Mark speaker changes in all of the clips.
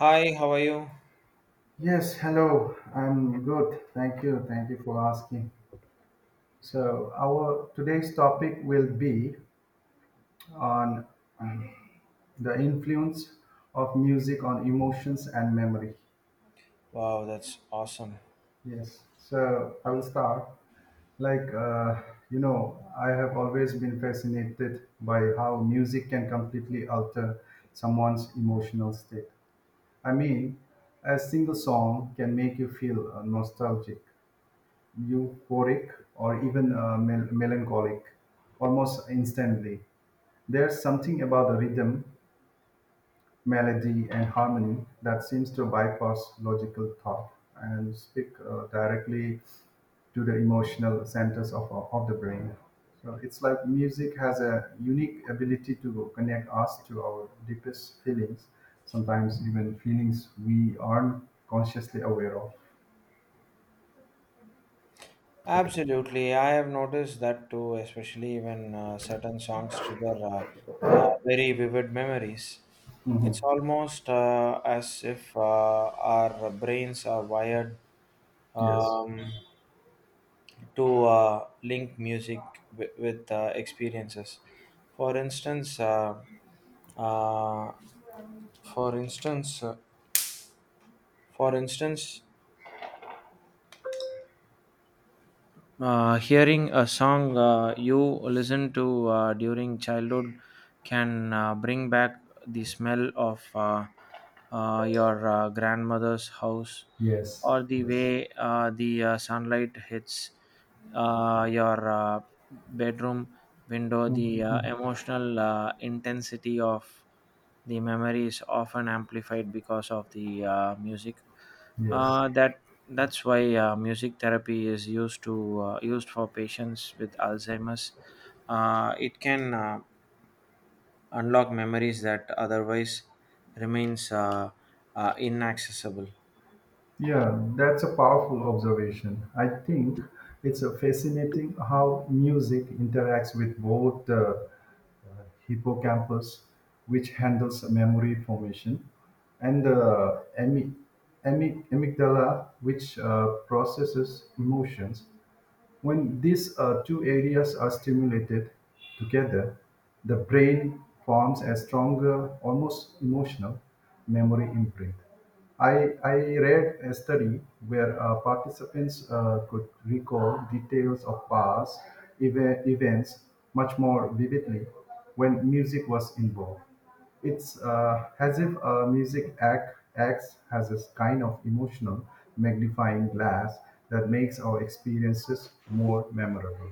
Speaker 1: Hi, how are you?
Speaker 2: Yes, hello. I'm good. Thank you. Thank you for asking. So, our today's topic will be on um, the influence of music on emotions and memory.
Speaker 1: Wow, that's awesome.
Speaker 2: Yes. So, I will start. Like, uh, you know, I have always been fascinated by how music can completely alter someone's emotional state. I mean, a single song can make you feel nostalgic, euphoric, or even melancholic almost instantly. There's something about the rhythm, melody, and harmony that seems to bypass logical thought and speak directly to the emotional centers of the brain. So it's like music has a unique ability to connect us to our deepest feelings, sometimes even feelings we aren't consciously aware of.
Speaker 1: Absolutely. I have noticed that too, especially when certain songs trigger very vivid memories. It's
Speaker 2: Mhm.
Speaker 1: almost as if our brains are wired
Speaker 2: Yes,
Speaker 1: um, to link music with experiences. For instance, uh, for instance, for instance, hearing a song you listen to during childhood can bring back the smell of your grandmother's house
Speaker 2: yes,
Speaker 1: or the
Speaker 2: yes.
Speaker 1: way the sunlight hits your bedroom window. The
Speaker 2: Mhm.
Speaker 1: emotional intensity of the memory is often amplified because of the music.
Speaker 2: Yes.
Speaker 1: Uh, that that's why music therapy is used for patients with Alzheimer's. It can unlock memories that otherwise remains inaccessible.
Speaker 2: Yeah, that's a powerful observation. I think it's a fascinating how music interacts with both the hippocampus, which handles memory formation, and the amygdala, which processes emotions. When these two areas are stimulated together, the brain forms a stronger, almost emotional memory imprint. I read a study where participants could recall details of past events much more vividly when music was involved. It's as if a music acts as a kind of emotional magnifying glass that makes our experiences more memorable.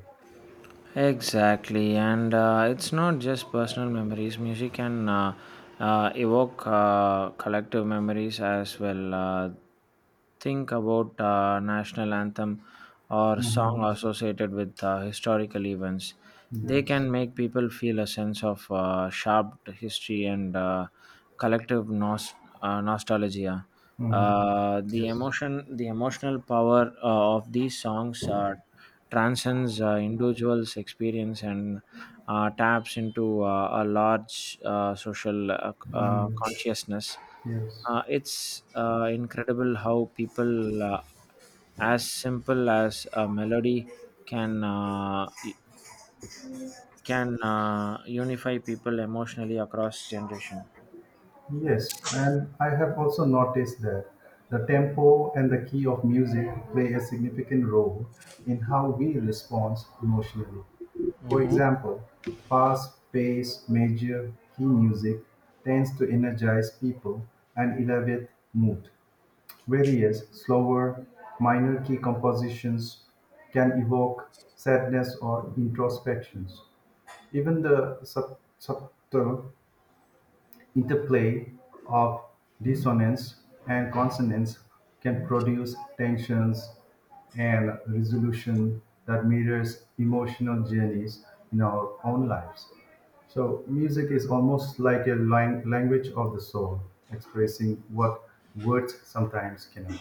Speaker 1: Exactly, and it's not just personal memories. Music can evoke collective memories as well. Think about national anthem or
Speaker 2: Mm-hmm.
Speaker 1: song associated with historical events. They
Speaker 2: Yes.
Speaker 1: can make people feel a sense of sharp history and collective nostalgia.
Speaker 2: Mm-hmm.
Speaker 1: Uh, the
Speaker 2: Yes.
Speaker 1: emotion, the emotional power of these songs are transcends individuals' experience and taps into a large social
Speaker 2: Mm.
Speaker 1: consciousness.
Speaker 2: Yes.
Speaker 1: It's incredible how people, as simple as a melody, can uh, can unify people emotionally across generation.
Speaker 2: Yes, and I have also noticed that the tempo and the key of music play a significant role in how we respond emotionally. For example, fast paced major key music tends to energize people and elevate mood, whereas slower minor key compositions can evoke sadness or introspections. Even the subtle interplay of dissonance and consonance can produce tensions and resolution that mirrors emotional journeys in our own lives. So music is almost like a language of the soul, expressing what words sometimes cannot.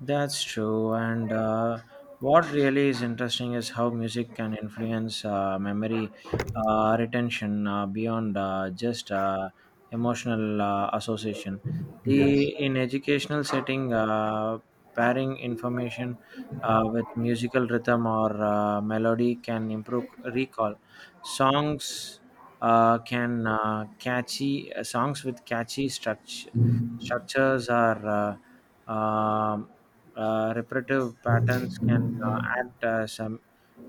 Speaker 1: That's true. And what really is interesting is how music can influence memory retention beyond just emotional association.
Speaker 2: Yes.
Speaker 1: The in educational setting, pairing information with musical rhythm or melody can improve recall. Songs can catchy songs with catchy structures or repetitive patterns can act as a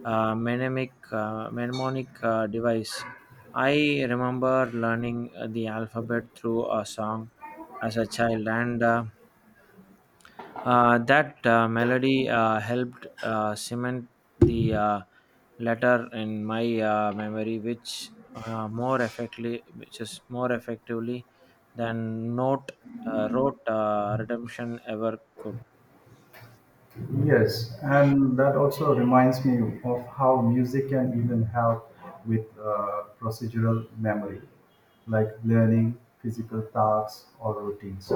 Speaker 1: mnemonic device. I remember learning the alphabet through a song as a child, and that melody helped cement the letter in my memory, which is more effectively than note wrote redemption ever could.
Speaker 2: Yes, and that also reminds me of how music can even help with procedural memory, like learning physical tasks or routines.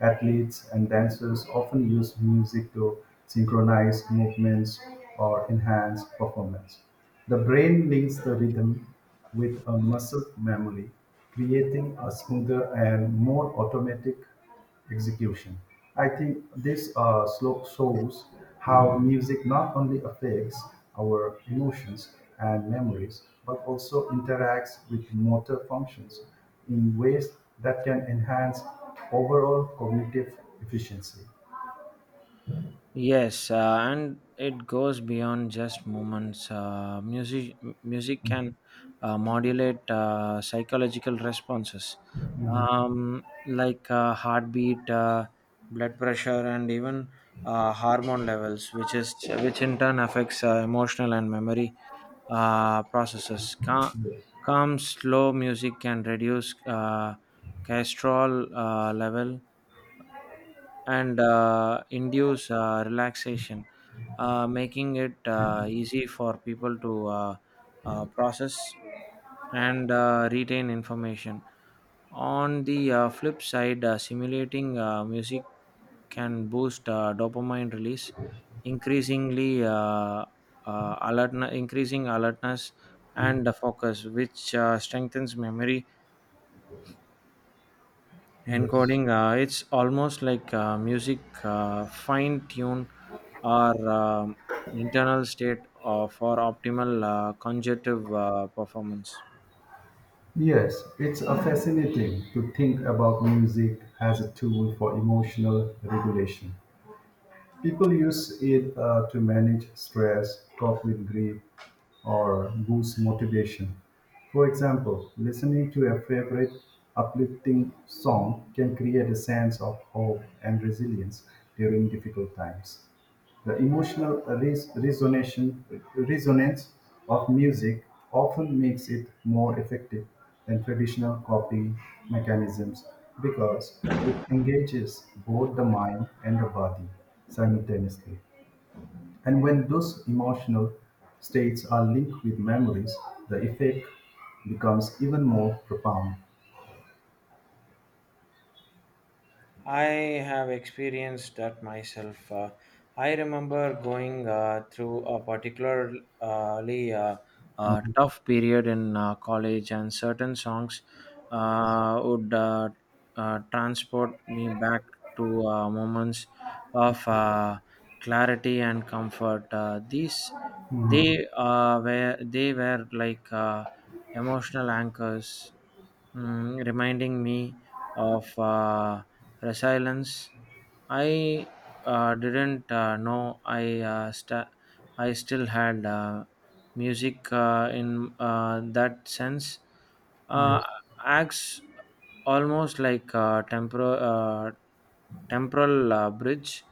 Speaker 2: Athletes and dancers often use music to synchronize movements or enhance performance. The brain links the rhythm with a muscle memory, creating a smoother and more automatic execution. I think this shows how music not only affects our emotions and memories, but also interacts with motor functions in ways that can enhance overall cognitive efficiency.
Speaker 1: Yes, and it goes beyond just moments. Music can modulate psychological responses, like heartbeat, blood pressure, and even hormone levels, which in turn affects emotional and memory processes.
Speaker 2: Yes.
Speaker 1: Calm, slow music can reduce cholesterol level and induce relaxation, making it easy for people to process and retain information. On the flip side, simulating music can boost dopamine release, increasingly uh, increasing alertness and focus, which strengthens memory
Speaker 2: Yes.
Speaker 1: encoding. It's almost like music fine tune our internal state for optimal conjunctive performance.
Speaker 2: Yes, it's fascinating to think about music as a tool for emotional regulation. People use it to manage stress, cope with grief, or boost motivation. For example, listening to a favorite uplifting song can create a sense of hope and resilience during difficult times. The emotional resonance of music often makes it more effective than traditional copying mechanisms because it engages both the mind and the body simultaneously. And when those emotional states are linked with memories, the effect becomes even more profound.
Speaker 1: I have experienced that myself. I remember going through a particularly uh,
Speaker 2: Mhm.
Speaker 1: tough period in college, and certain songs
Speaker 2: Yes.
Speaker 1: would transport me back to moments of clarity and comfort. These
Speaker 2: Mhm.
Speaker 1: they were they were like emotional anchors, reminding me of resilience. I didn't know I still had music in that sense. Uh,
Speaker 2: Yes.
Speaker 1: acts almost like a temporal bridge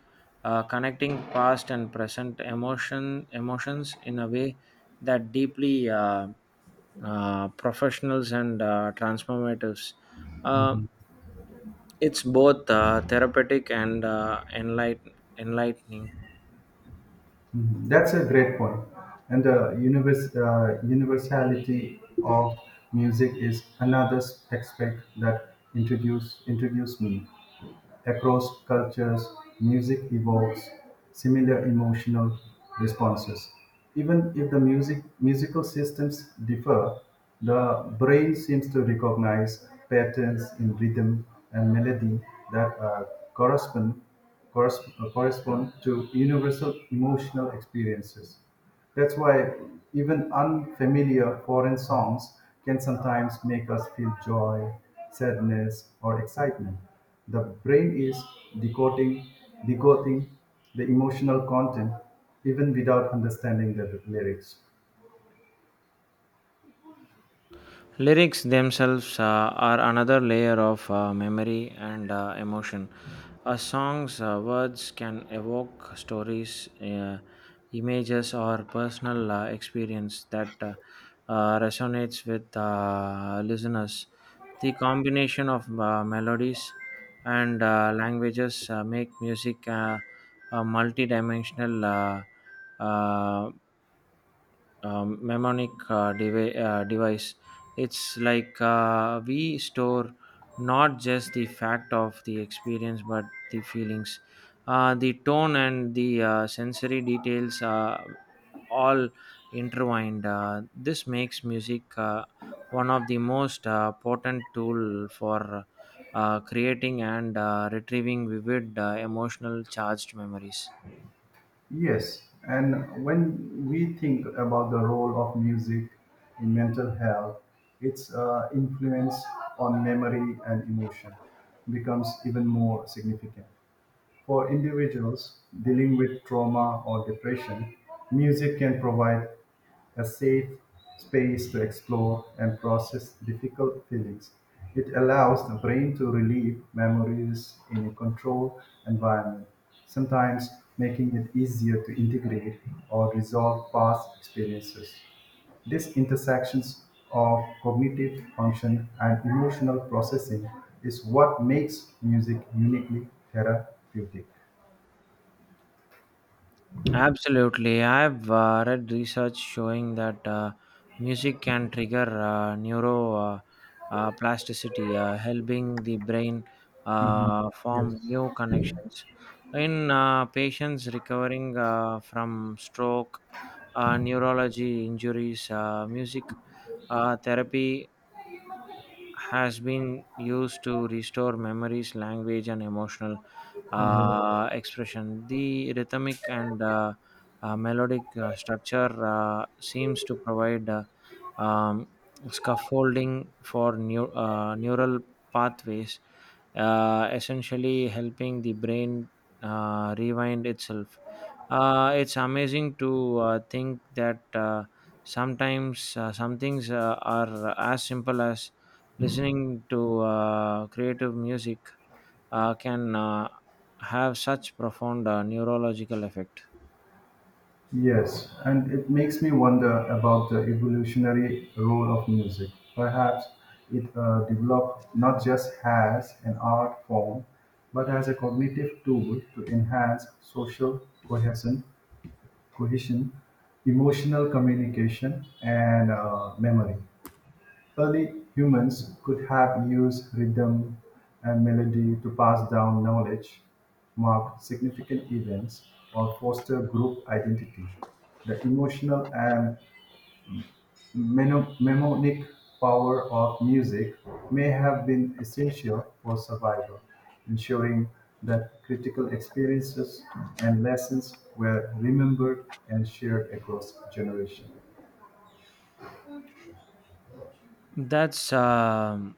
Speaker 1: connecting past and present emotions in a way that deeply professionals and transformatives. Uh,
Speaker 2: Mhm.
Speaker 1: it's both therapeutic and enlightening.
Speaker 2: Mhm. That's a great point. And the universality of music is another aspect that introduced me. Across cultures, music evokes similar emotional responses. Even if the musical systems differ, the brain seems to recognize patterns in rhythm and melody that correspond, correspond to universal emotional experiences. That's why even unfamiliar foreign songs can sometimes make us feel joy, sadness, or excitement. The brain is decoding, decoding the emotional content even without understanding the lyrics.
Speaker 1: Lyrics themselves are another layer of memory and emotion. A song's words can evoke stories, images, or personal experience that resonates with listeners. The combination of melodies and languages make music a multidimensional uh, uh, mnemonic device. It's like we store not just the fact of the experience but the feelings. The tone and the sensory details are all intertwined. This makes music one of the most potent tool for creating and retrieving vivid emotional charged memories.
Speaker 2: Yes, and when we think about the role of music in mental health, its influence on memory and emotion becomes even more significant. For individuals dealing with trauma or depression, music can provide a safe space to explore and process difficult feelings. It allows the brain to relieve memories in a controlled environment, sometimes making it easier to integrate or resolve past experiences. This intersections of cognitive function and emotional processing is what makes music uniquely therapeutic.
Speaker 1: Absolutely. I've read research showing that music can trigger neuroplasticity, helping the brain
Speaker 2: Mhm. Yes.
Speaker 1: form new connections. In patients recovering from stroke, neurology injuries, music therapy has been used to restore memories, language, and emotional
Speaker 2: Mhm.
Speaker 1: expression. The rhythmic and melodic structure seems to provide um, scaffolding for neural pathways, essentially helping the brain rewind itself. It's amazing to think that sometimes some things are as simple as listening to creative music can have such profound neurological effect.
Speaker 2: Yes, and it makes me wonder about the evolutionary role of music. Perhaps it developed not just as an art form, but as a cognitive tool to enhance social cohesion, cohesion, emotional communication, and memory. Early humans could have used rhythm and melody to pass down knowledge, mark significant events, or foster group identity. The emotional and mnemonic power of music may have been essential for survival, ensuring that critical experiences and lessons were remembered and shared across generations.
Speaker 1: That's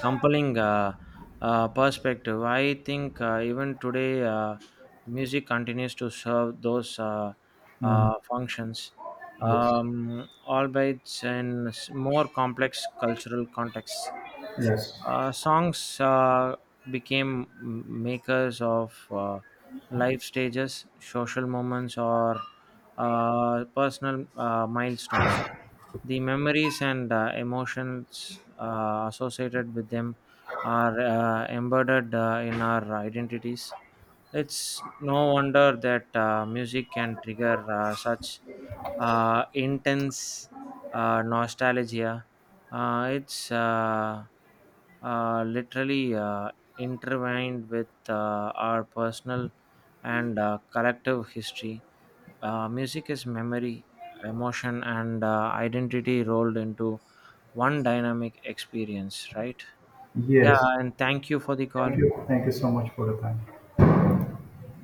Speaker 1: compelling perspective. I think even today, music continues to serve those
Speaker 2: Mhm.
Speaker 1: functions,
Speaker 2: Yes.
Speaker 1: albeit in more complex cultural contexts.
Speaker 2: Yes.
Speaker 1: Songs became makers of life stages, social moments, or personal milestones. The memories and emotions associated with them are embedded in our identities. It's no wonder that music can trigger such intense nostalgia. It's literally intertwined with our personal and collective history. Music is memory, emotion, and identity rolled into one dynamic experience, right? Yeah,
Speaker 2: Yes.
Speaker 1: and thank you for the
Speaker 2: Thank
Speaker 1: call.
Speaker 2: you. Thank you so much for the time.